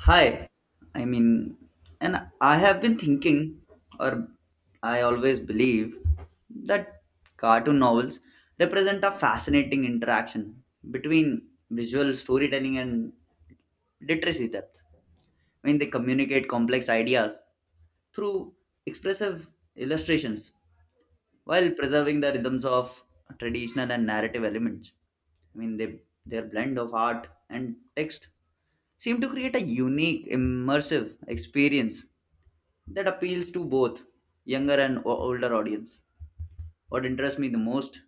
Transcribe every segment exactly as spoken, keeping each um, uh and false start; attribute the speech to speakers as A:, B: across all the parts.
A: Hi, I mean, and I have been thinking, or I always believe, that cartoon novels represent a fascinating interaction between visual storytelling and literacy depth. I mean, they communicate complex ideas through expressive illustrations while preserving the rhythms of traditional and narrative elements. I mean, they, their blend of art and text seem to create a unique, immersive experience that appeals to both younger and o- older audience. What interests me the most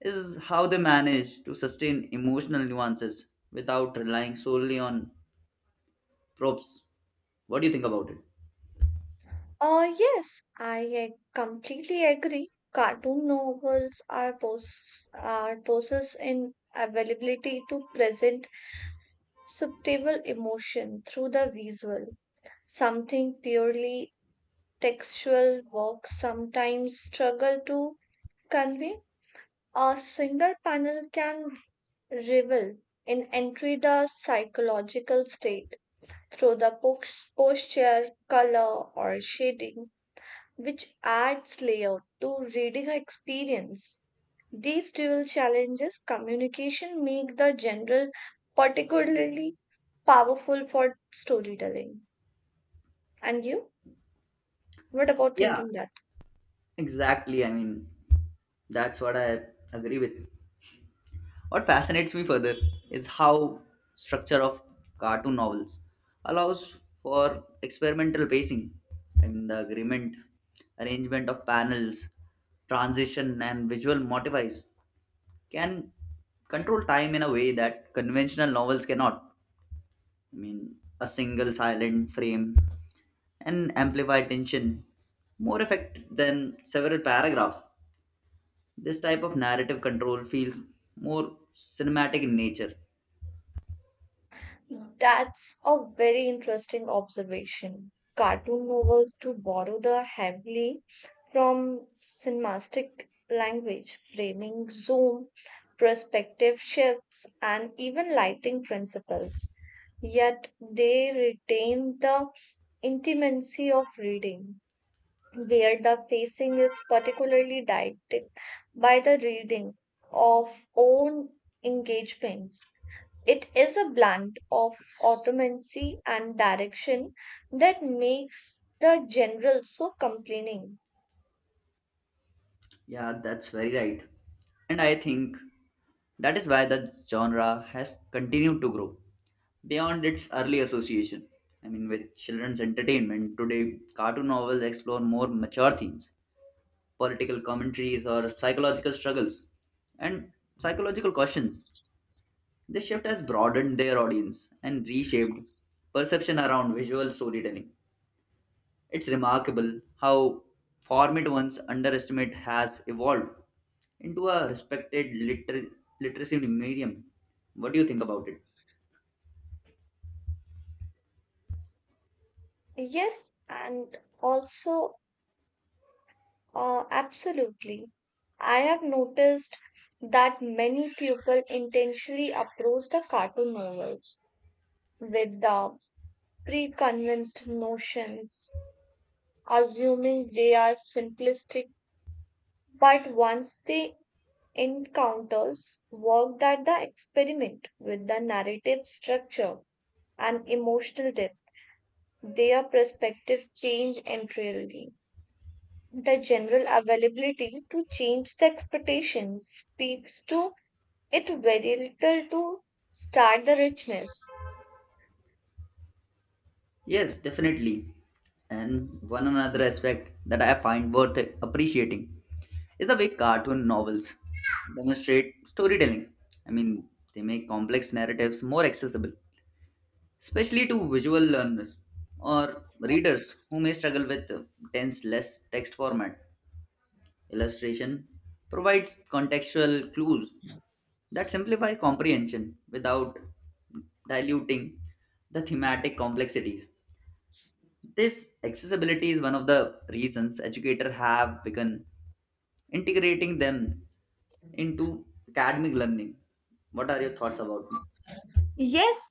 A: is how they manage to sustain emotional nuances without relying solely on props. What do you think about it?
B: Uh, yes, I uh, completely agree. Cartoon novels are pos are poses in availability to present subtle emotion through the visual. Something purely textual works sometimes struggle to convey. A single panel can revel in entry the psychological state through the pos- posture, color, or shading which adds layer to reading experience. These dual challenges communication make the general particularly powerful for storytelling. And you? What about
A: Yeah,
B: thinking that?
A: exactly. I mean, that's what I agree with. What fascinates me further is how structure of cartoon novels allows for experimental pacing. I mean the agreement, arrangement of panels, transition and visual motivies can control time in a way that conventional novels cannot. I mean a single silent frame and amplify tension more effect than several paragraphs. This type of narrative control feels more cinematic in nature.
B: That's a very interesting observation. Cartoon novels do borrow the heavily from cinematic language, framing, zoom, perspective shifts, and even lighting principles. Yet they retain the intimacy of reading, where the facing is particularly dictated by the reading of own engagements. It is a blend of automancy and direction that makes the general so compelling.
A: Yeah, that's very right. And I think that is why the genre has continued to grow beyond its early association. I mean, with children's entertainment, today cartoon novels explore more mature themes, political commentaries, or psychological struggles, and psychological questions. This shift has broadened their audience and reshaped perception around visual storytelling. It's remarkable how format once underestimated has evolved into a respected liter- literacy medium. What do you think about it?
B: Yes, and also, uh, absolutely. I have noticed that many people intentionally approach the cartoon novels with the preconceived notions, assuming they are simplistic. But once they encounters work that the experiment with the narrative structure and emotional depth, their perspective change entirely. The general availability to change the expectations speaks to it very little to start the richness.
A: Yes, definitely. And one another aspect that I find worth appreciating is the way cartoon novels demonstrate storytelling. I mean, they make complex narratives more accessible, especially to visual learners or readers who may struggle with uh, dense, less text format. Illustration provides contextual clues that simplify comprehension without diluting the thematic complexities. This accessibility is one of the reasons educators have begun integrating them into academic learning. What are your thoughts about it?
B: Yes,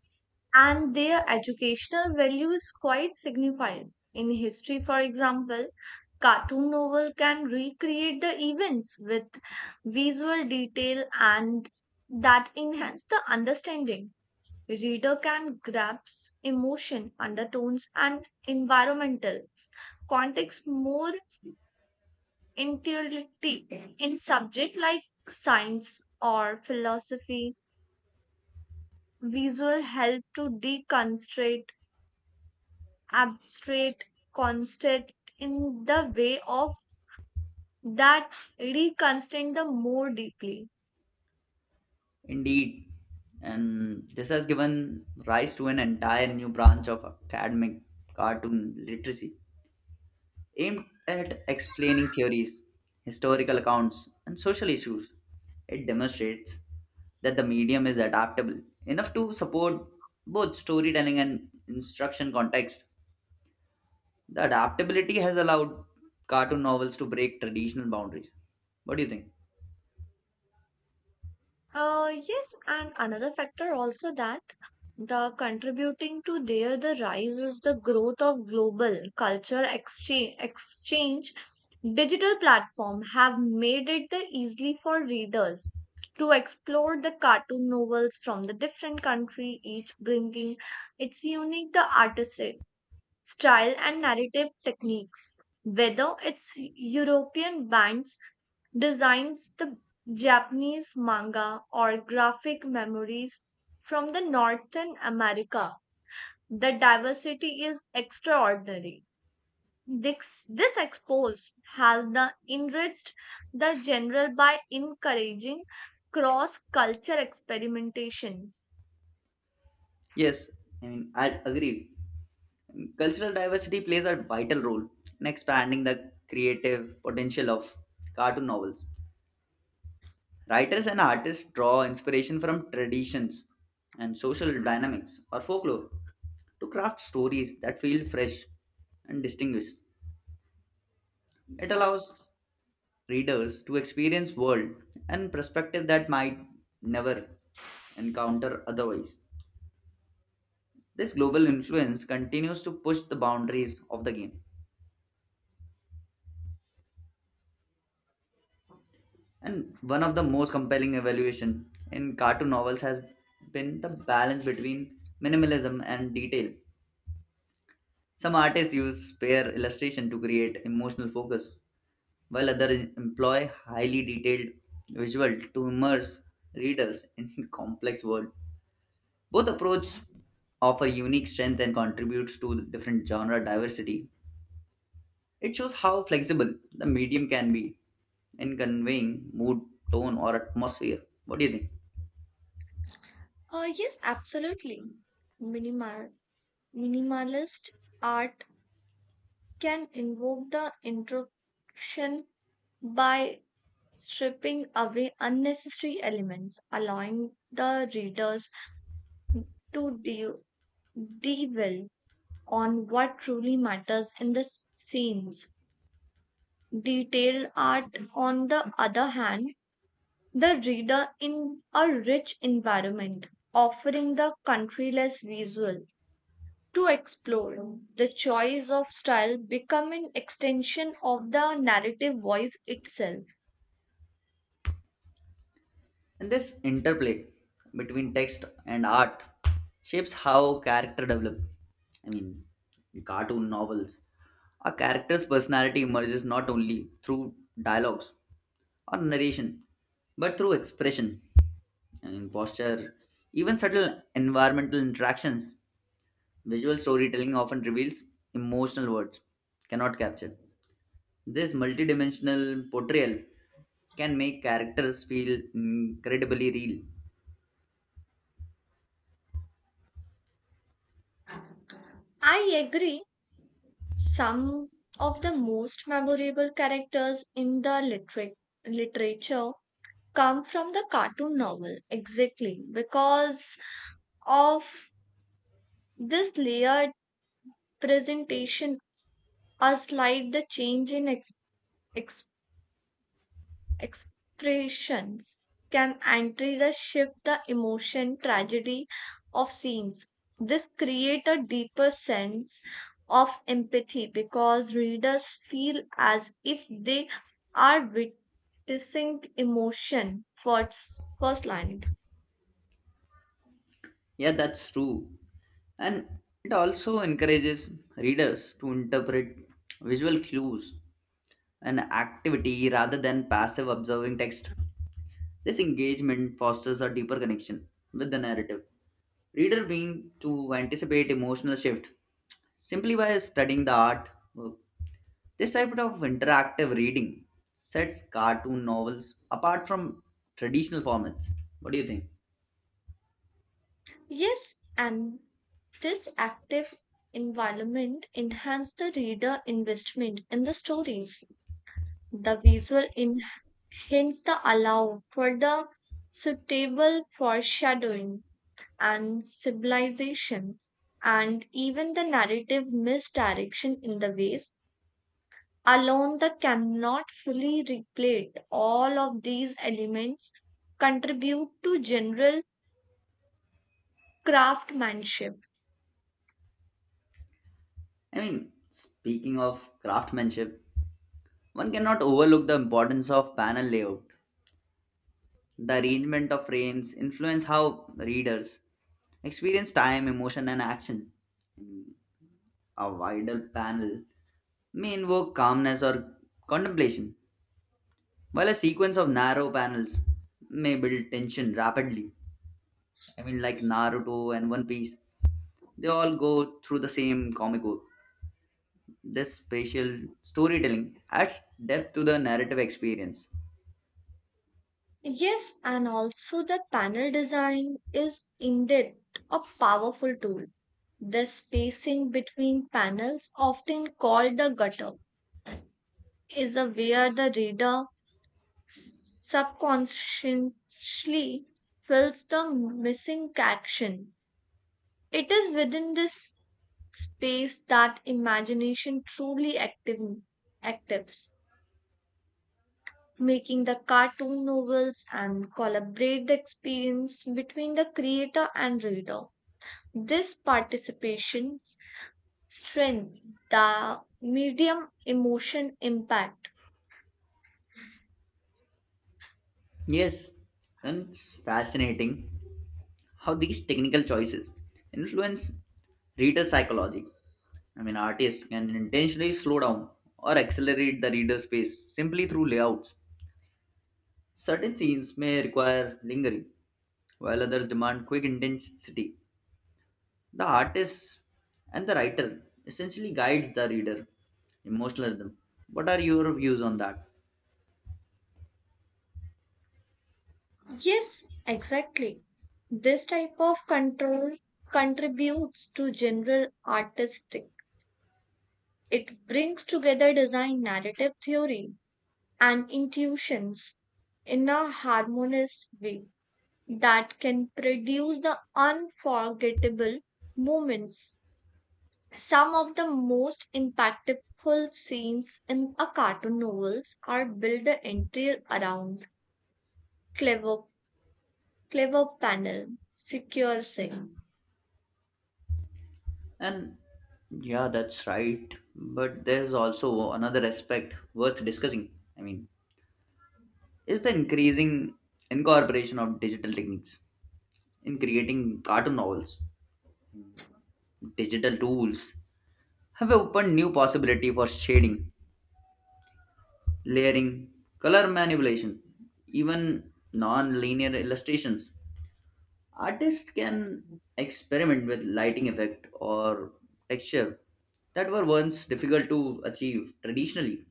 B: and their educational value is quite signified. In history, for example, cartoon novel can recreate the events with visual detail and that enhance the understanding. Reader can grasp emotion, undertones, and environmental context more integrity in subject like science or philosophy visual help to deconstruct abstract concept in the way of that reconstruct the more deeply.
A: Indeed, and this has given rise to an entire new branch of academic cartoon literacy aimed at explaining theories, historical accounts, and social issues. It demonstrates that the medium is adaptable enough to support both storytelling and instruction context. The adaptability has allowed cartoon novels to break traditional boundaries. What do you think?
B: Uh, yes, and another factor also that the contributing to their the rise is the growth of global culture exchange, exchange. Digital platform have made it the easily for readers to explore the cartoon novels from the different country, each bringing its unique the artistic style and narrative techniques. Whether it's European bands designs the Japanese manga or graphic memories from the Northern America. The diversity is extraordinary. This, this expose has the enriched the genre by encouraging cross culture experimentation.
A: Yes, I mean, I agree. Cultural diversity plays a vital role in expanding the creative potential of cartoon novels. Writers and artists draw inspiration from traditions and social dynamics or folklore to craft stories that feel fresh and distinguished. It allows readers to experience world and perspective that might never encounter otherwise. This global influence continues to push the boundaries of the game. And one of the most compelling evaluation in cartoon novels has been the balance between minimalism and detail. Some artists use pair illustration to create emotional focus, while others employ highly detailed visual to immerse readers in complex world. Both approach offer unique strength and contributes to different genre diversity. It shows how flexible the medium can be in conveying mood, tone, or atmosphere. What do you think?
B: Uh, yes, absolutely. Minimal, minimalist art can invoke the introspection by stripping away unnecessary elements, allowing the readers to de- dwell on what truly matters in the scenes. Detailed art, on the other hand, the reader in a rich environment, offering the countryless visual to explore. The choice of style become an extension of the narrative voice itself.
A: And this interplay between text and art shapes how character develop. I mean, in cartoon novels, a character's personality emerges not only through dialogues or narration, but through expression and posture, even subtle environmental interactions. Visual storytelling often reveals emotional words cannot capture. This multidimensional portrayal can make characters feel incredibly real.
B: I agree. Some of the most memorable characters in the literate literature come from the cartoon novel, exactly because of this layered presentation, a slight the change in ex- expressions can enter the shift the emotion tragedy of scenes. This create a deeper sense of empathy because readers feel as if they are witnessing emotion first, firsthand.
A: Yeah, that's true. And it also encourages readers to interpret visual cues and activity rather than passive observing text. This engagement fosters a deeper connection with the narrative. Reader being to anticipate emotional shift simply by studying the art work. This type of interactive reading sets cartoon novels apart from traditional formats. What do you think?
B: Yes, and this active environment enhances the reader investment in the stories. The visual hence the allow for the suitable foreshadowing and symbolization and even the narrative misdirection in the ways alone that cannot fully replete all of these elements contribute to general craftsmanship.
A: I mean, speaking of craftsmanship, one cannot overlook the importance of panel layout. The arrangement of frames influence how readers experience time, emotion, and action. A wider panel may invoke calmness or contemplation, while a sequence of narrow panels may build tension rapidly. I mean, like Naruto and One Piece, they all go through the same comic book. This spatial storytelling adds depth to the narrative experience.
B: Yes and also the panel design is indeed a powerful tool the spacing between panels often called the gutter is a where the reader subconsciously fills the missing action. It is within this space that imagination truly active, actives, making the cartoon novels and collaborate the experience between the creator and reader. This participation strengthens the medium emotion impact.
A: Yes, and it's fascinating how these technical choices influence reader psychology. I mean, artists can intentionally slow down or accelerate the reader's pace simply through layouts. Certain scenes may require lingering, while others demand quick intensity. The artist and the writer essentially guides the reader emotional rhythm. What are your views on that?
B: Yes, exactly. This type of control contributes to general artistic. It brings together design, narrative theory, and intuitions in a harmonious way that can produce the unforgettable moments. Some of the most impactful scenes in a cartoon novels are built entirely around clever, clever panel, secure scene.
A: And yeah, that's right. But there's also another aspect worth discussing. I mean, is the increasing incorporation of digital techniques in creating cartoon novels. Digital tools have opened new possibility for shading, layering, color manipulation, even non-linear illustrations. Artists can experiment with lighting effect or texture that were once difficult to achieve traditionally.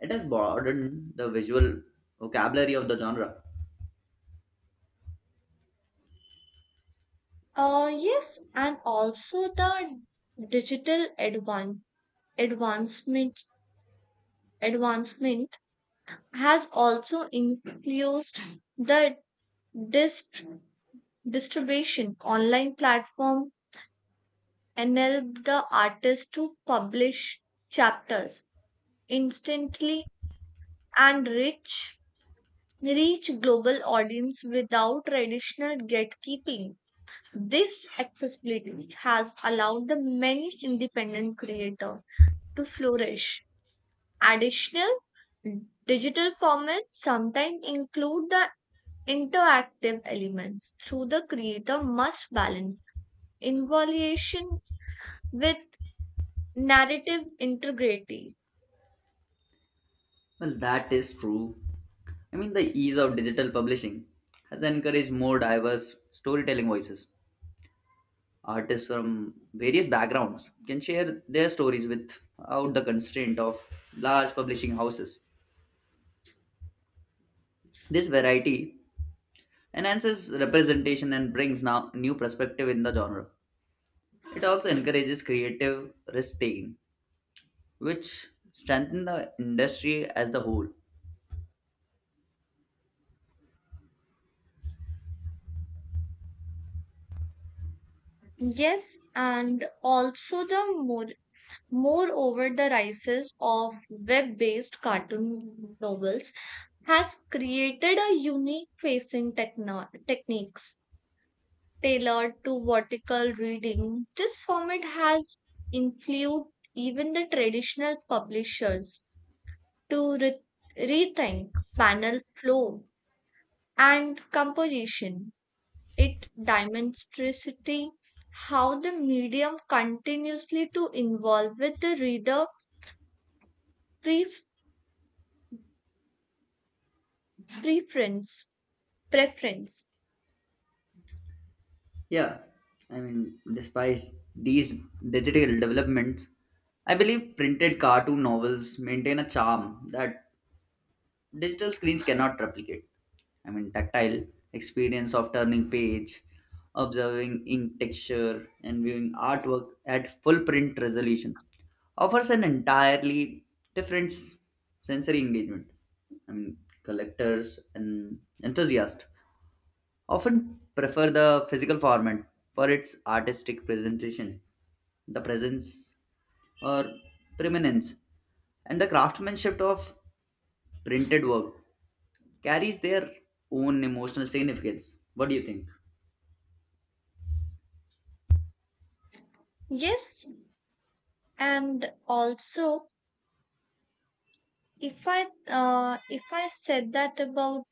A: It has broadened the visual vocabulary of the genre.
B: Uh, yes, and also the digital advan- advancement advancement has also influenced the dist- distribution. Online platform enable the artist to publish chapters instantly and reach reach global audience without traditional gatekeeping. This accessibility has allowed the many independent creators to flourish. Additional digital formats sometimes include the interactive elements through the creator must balance involution with narrative integrity.
A: Well, that is true. I mean, the ease of digital publishing has encouraged more diverse storytelling voices. Artists from various backgrounds can share their stories without the constraint of large publishing houses. This variety enhances representation and brings now new perspective in the genre. It also encourages creative risk taking, which strengthen the industry as the whole.
B: Yes, and also the more moreover the rises of web-based cartoon novels has created a unique facing techno- techniques tailored to vertical reading. This format has influenced even the traditional publishers to re- rethink panel flow and composition. It demonstrates how the medium continuously to involve with the reader pre- preference preference.
A: Yeah, I mean, despite these digital developments, I believe printed cartoon novels maintain a charm that digital screens cannot replicate. I mean, tactile experience of turning page, observing ink texture, and viewing artwork at full print resolution offers an entirely different s- sensory engagement. I mean, collectors and enthusiasts often prefer the physical format for its artistic presentation, the presence or preeminence, and the craftsmanship of printed work carries their own emotional significance. What do you think?
B: Yes, and also if I uh, if I said that about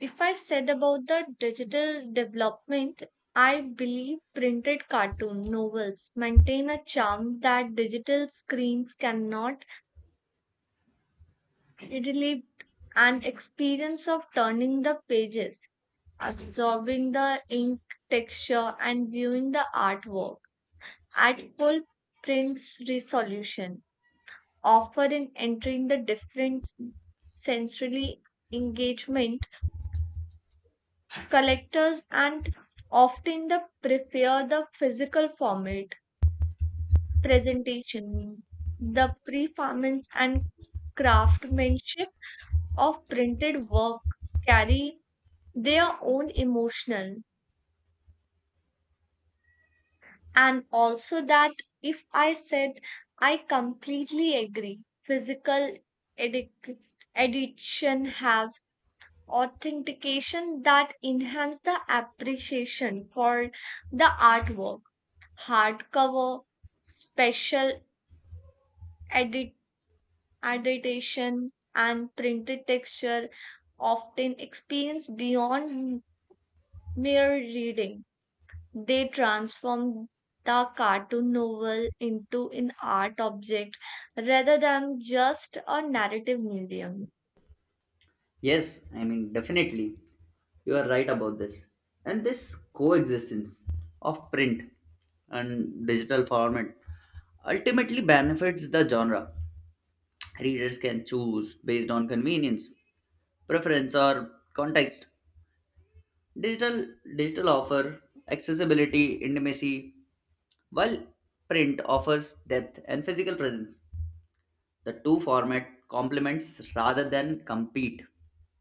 B: if I said about the digital development, I believe printed cartoon novels maintain a charm that digital screens cannot relieve and experience of turning the pages, absorbing the ink texture and viewing the artwork at full print resolution, offering entering the different sensory engagement collectors and often the prefer the physical format, presentation, the performance and craftsmanship of printed work carry their own emotional and also that if I said I completely agree, physical edic- edition have authentication that enhance the appreciation for the artwork hardcover, special edit edition, and printed texture often experience beyond mere reading. They transform the cartoon novel into an art object rather than just a narrative medium.
A: Yes, I mean, definitely, you are right about this. And this coexistence of print and digital format ultimately benefits the genre. Readers can choose based on convenience preference or context. Digital digital offer accessibility, intimacy, while print offers depth and physical presence. The two format complements rather than compete.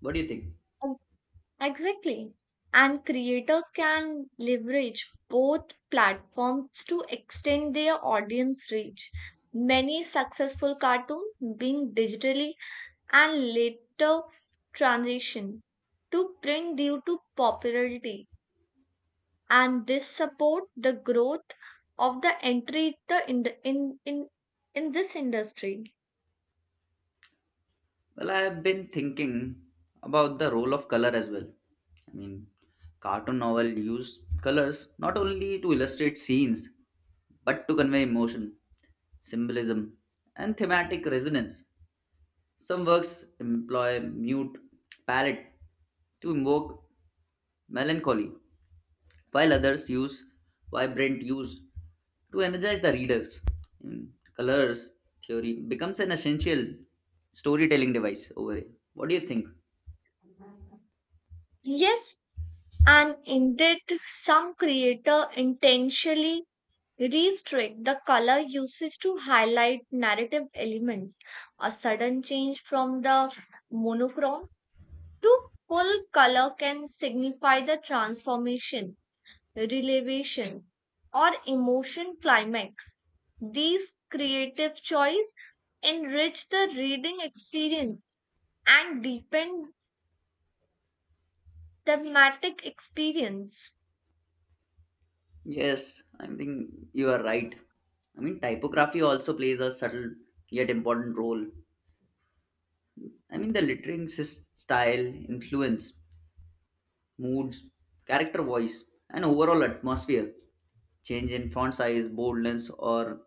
A: What do you think?
B: Exactly. And creators can leverage both platforms to extend their audience reach. Many successful cartoons being digitally and later transition to print due to popularity and this support the growth of the entry the in the in, in in this industry.
A: Well, I have been thinking about the role of color as well. I mean, cartoon novel use colors not only to illustrate scenes but to convey emotion, symbolism, and thematic resonance. Some works employ mute palette to invoke melancholy, while others use vibrant hues to energize the readers. In colors theory becomes an essential storytelling device over here. What do you think?
B: Yes, and indeed, some creator intentionally restrict the color usage to highlight narrative elements. A sudden change from the monochrome to full color can signify the transformation, relevation, or emotion climax. These creative choice enrich the reading experience and deepen thematic experience.
A: Yes, I think you are right. I mean, typography also plays a subtle yet important role. I mean, the lettering sys- style, influence, moods, character voice, and overall atmosphere. Change in font size, boldness, or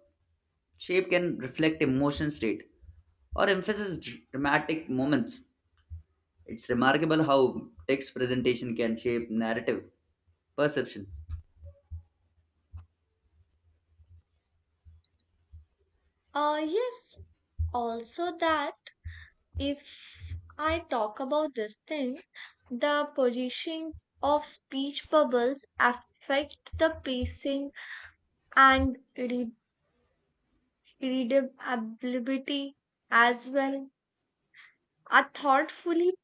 A: shape can reflect emotion state or emphasize dr- dramatic moments. It's remarkable how text presentation can shape narrative perception.
B: Uh, yes, also that if I talk about this thing, the polishing of speech bubbles affect the pacing and read- readability as well. A thoughtfully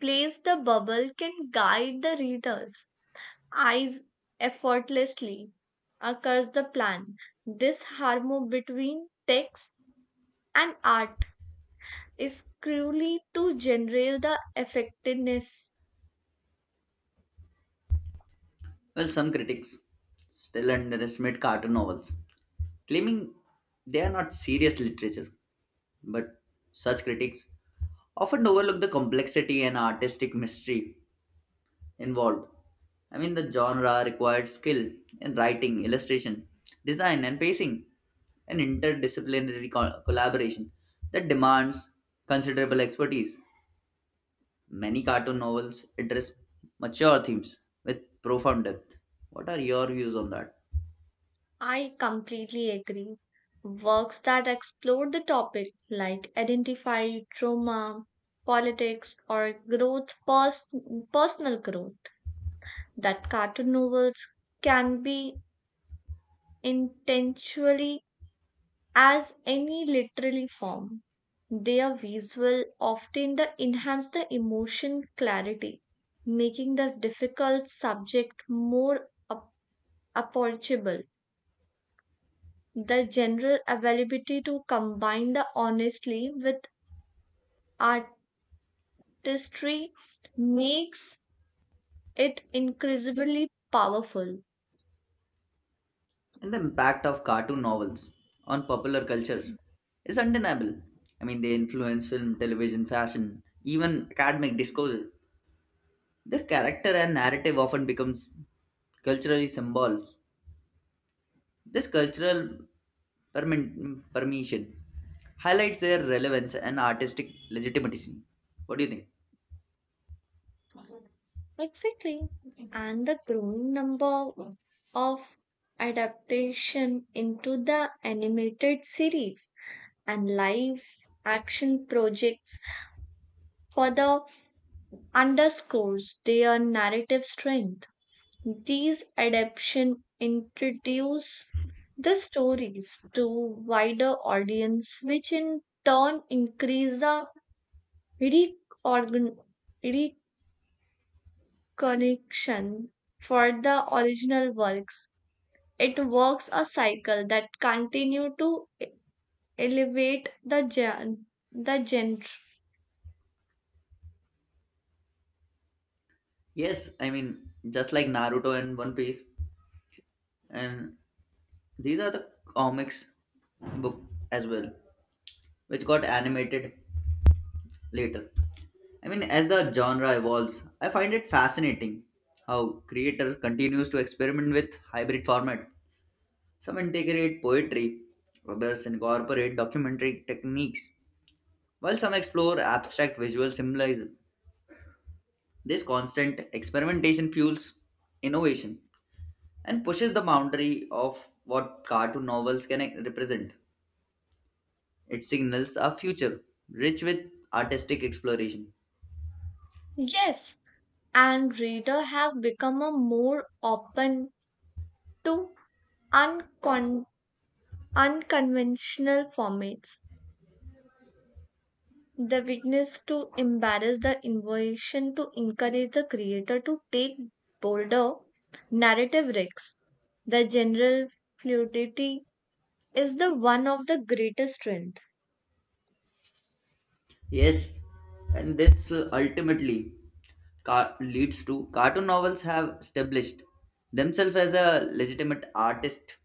B: placed the bubble can guide the reader's eyes effortlessly across the plan. This harmony between text and art is crucial to generate the effectiveness.
A: Well, some critics still underestimate cartoon novels, claiming they are not serious literature. But such critics often overlook the complexity and artistic mystery involved. I mean, the genre required skill in writing, illustration, design, and pacing, an interdisciplinary co- collaboration that demands considerable expertise. Many cartoon novels address mature themes with profound depth. What are your views on that?
B: I completely agree. Works that explore the topic, like identify trauma, politics, or growth, pers- personal growth, that cartoon novels can be intentionally as any literary form. They are visual, often the enhance the emotion clarity, making the difficult subject more ap- approachable. The general availability to combine the honestly with artistry makes it increasingly powerful.
A: And the impact of cartoon novels on popular cultures is undeniable. I mean, they influence film, television, fashion, even academic discourse. Their character and narrative often becomes culturally symbols. This cultural permin- permission highlights their relevance and artistic legitimacy. What do you think?
B: Exactly. And the growing number of adaptation into the animated series and live action projects further underscores their narrative strength. These adaptation introduce the stories to wider audience, which in turn increase the reorgan- reconnection for the original works. It works a cycle that continue to e- elevate the gen- the genre.
A: Yes, I mean, just like Naruto and One Piece, and these are the comics book as well, which got animated later. I mean, as the genre evolves, I find it fascinating how creator continues to experiment with hybrid format. Some integrate poetry, others incorporate documentary techniques, while some explore abstract visual symbolism. This constant experimentation fuels innovation and pushes the boundary of what cartoon novels can e-, represent. It signals a future rich with artistic exploration.
B: Yes, and reader have become a more open to uncon- unconventional formats. The weakness to embarrass the innovation to encourage the creator to take bolder narrative risks. The general fluidity is the one of the greatest strength.
A: Yes, and this uh, ultimately car- leads to cartoon novels have established themselves as a legitimate artist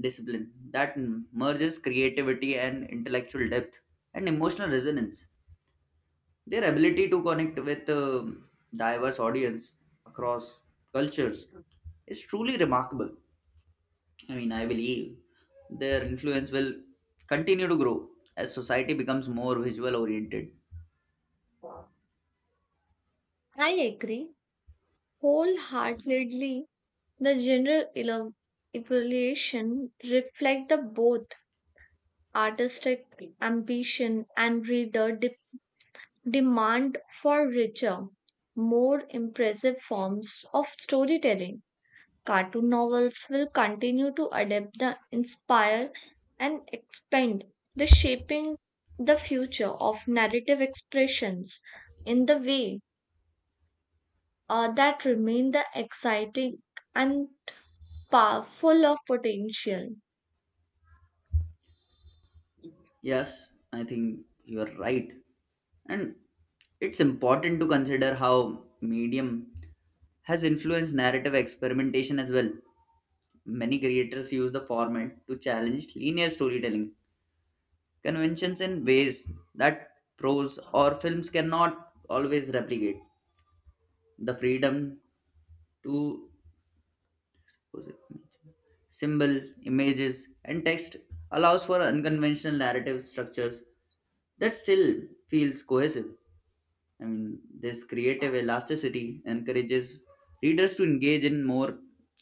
A: discipline that m- merges creativity and intellectual depth and emotional resonance. Their ability to connect with um diverse audience across cultures is truly remarkable. I mean, I believe their influence will continue to grow as society becomes more visual oriented.
B: I agree wholeheartedly. The general elo- evaluation reflect the both artistic ambition and reader de- demand for richer, more impressive forms of storytelling. Cartoon novels will continue to adapt the inspire and expand the shaping the future of narrative expressions in the way uh, that remain the exciting and powerful of potential.
A: Yes, I think you are right. And it's important to consider how medium has influenced narrative experimentation as well. Many creators use the format to challenge linear storytelling conventions in ways that prose or films cannot always replicate. The freedom to symbol, images, and text allows for unconventional narrative structures that still feels cohesive. I mean, this creative elasticity encourages readers to engage in more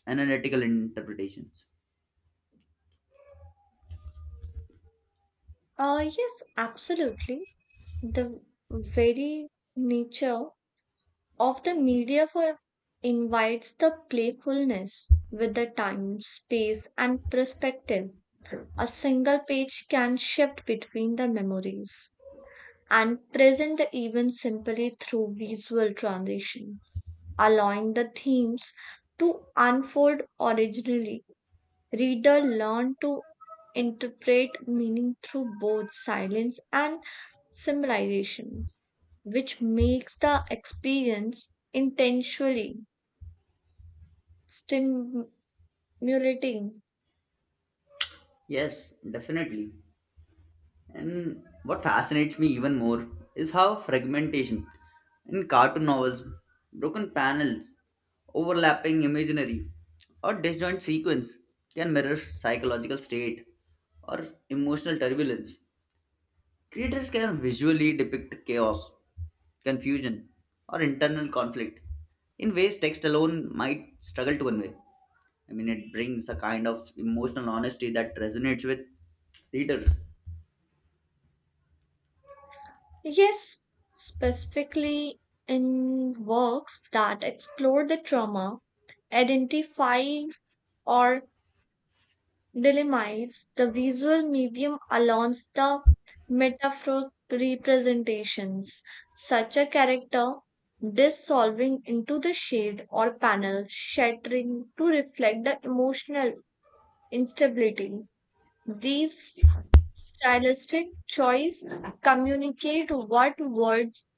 A: analytical interpretations.
B: Uh, yes absolutely the very nature of the media for invites the playfulness with the time, space, and perspective. A single page can shift between the memories and present the event simply through visual transition, allowing the themes to unfold originally. Reader learn to interpret meaning through both silence and symbolization, which makes the experience intentionally stimulating.
A: Yes, definitely. And what fascinates me even more is how fragmentation in cartoon novels, broken panels, overlapping imaginary, or disjoint sequence can mirror psychological state or emotional turbulence. Creators can visually depict chaos, confusion, or internal conflict in ways text alone might struggle to convey. I mean, it brings a kind of emotional honesty that resonates with readers.
B: Yes, specifically in works that explore the trauma, identify or delimite the visual medium along the metaphoric representations. Such a character dissolving into the shade or panel, shattering to reflect the emotional instability. These stylistic choice communicate what words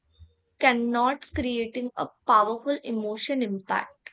B: cannot creating a powerful emotion impact.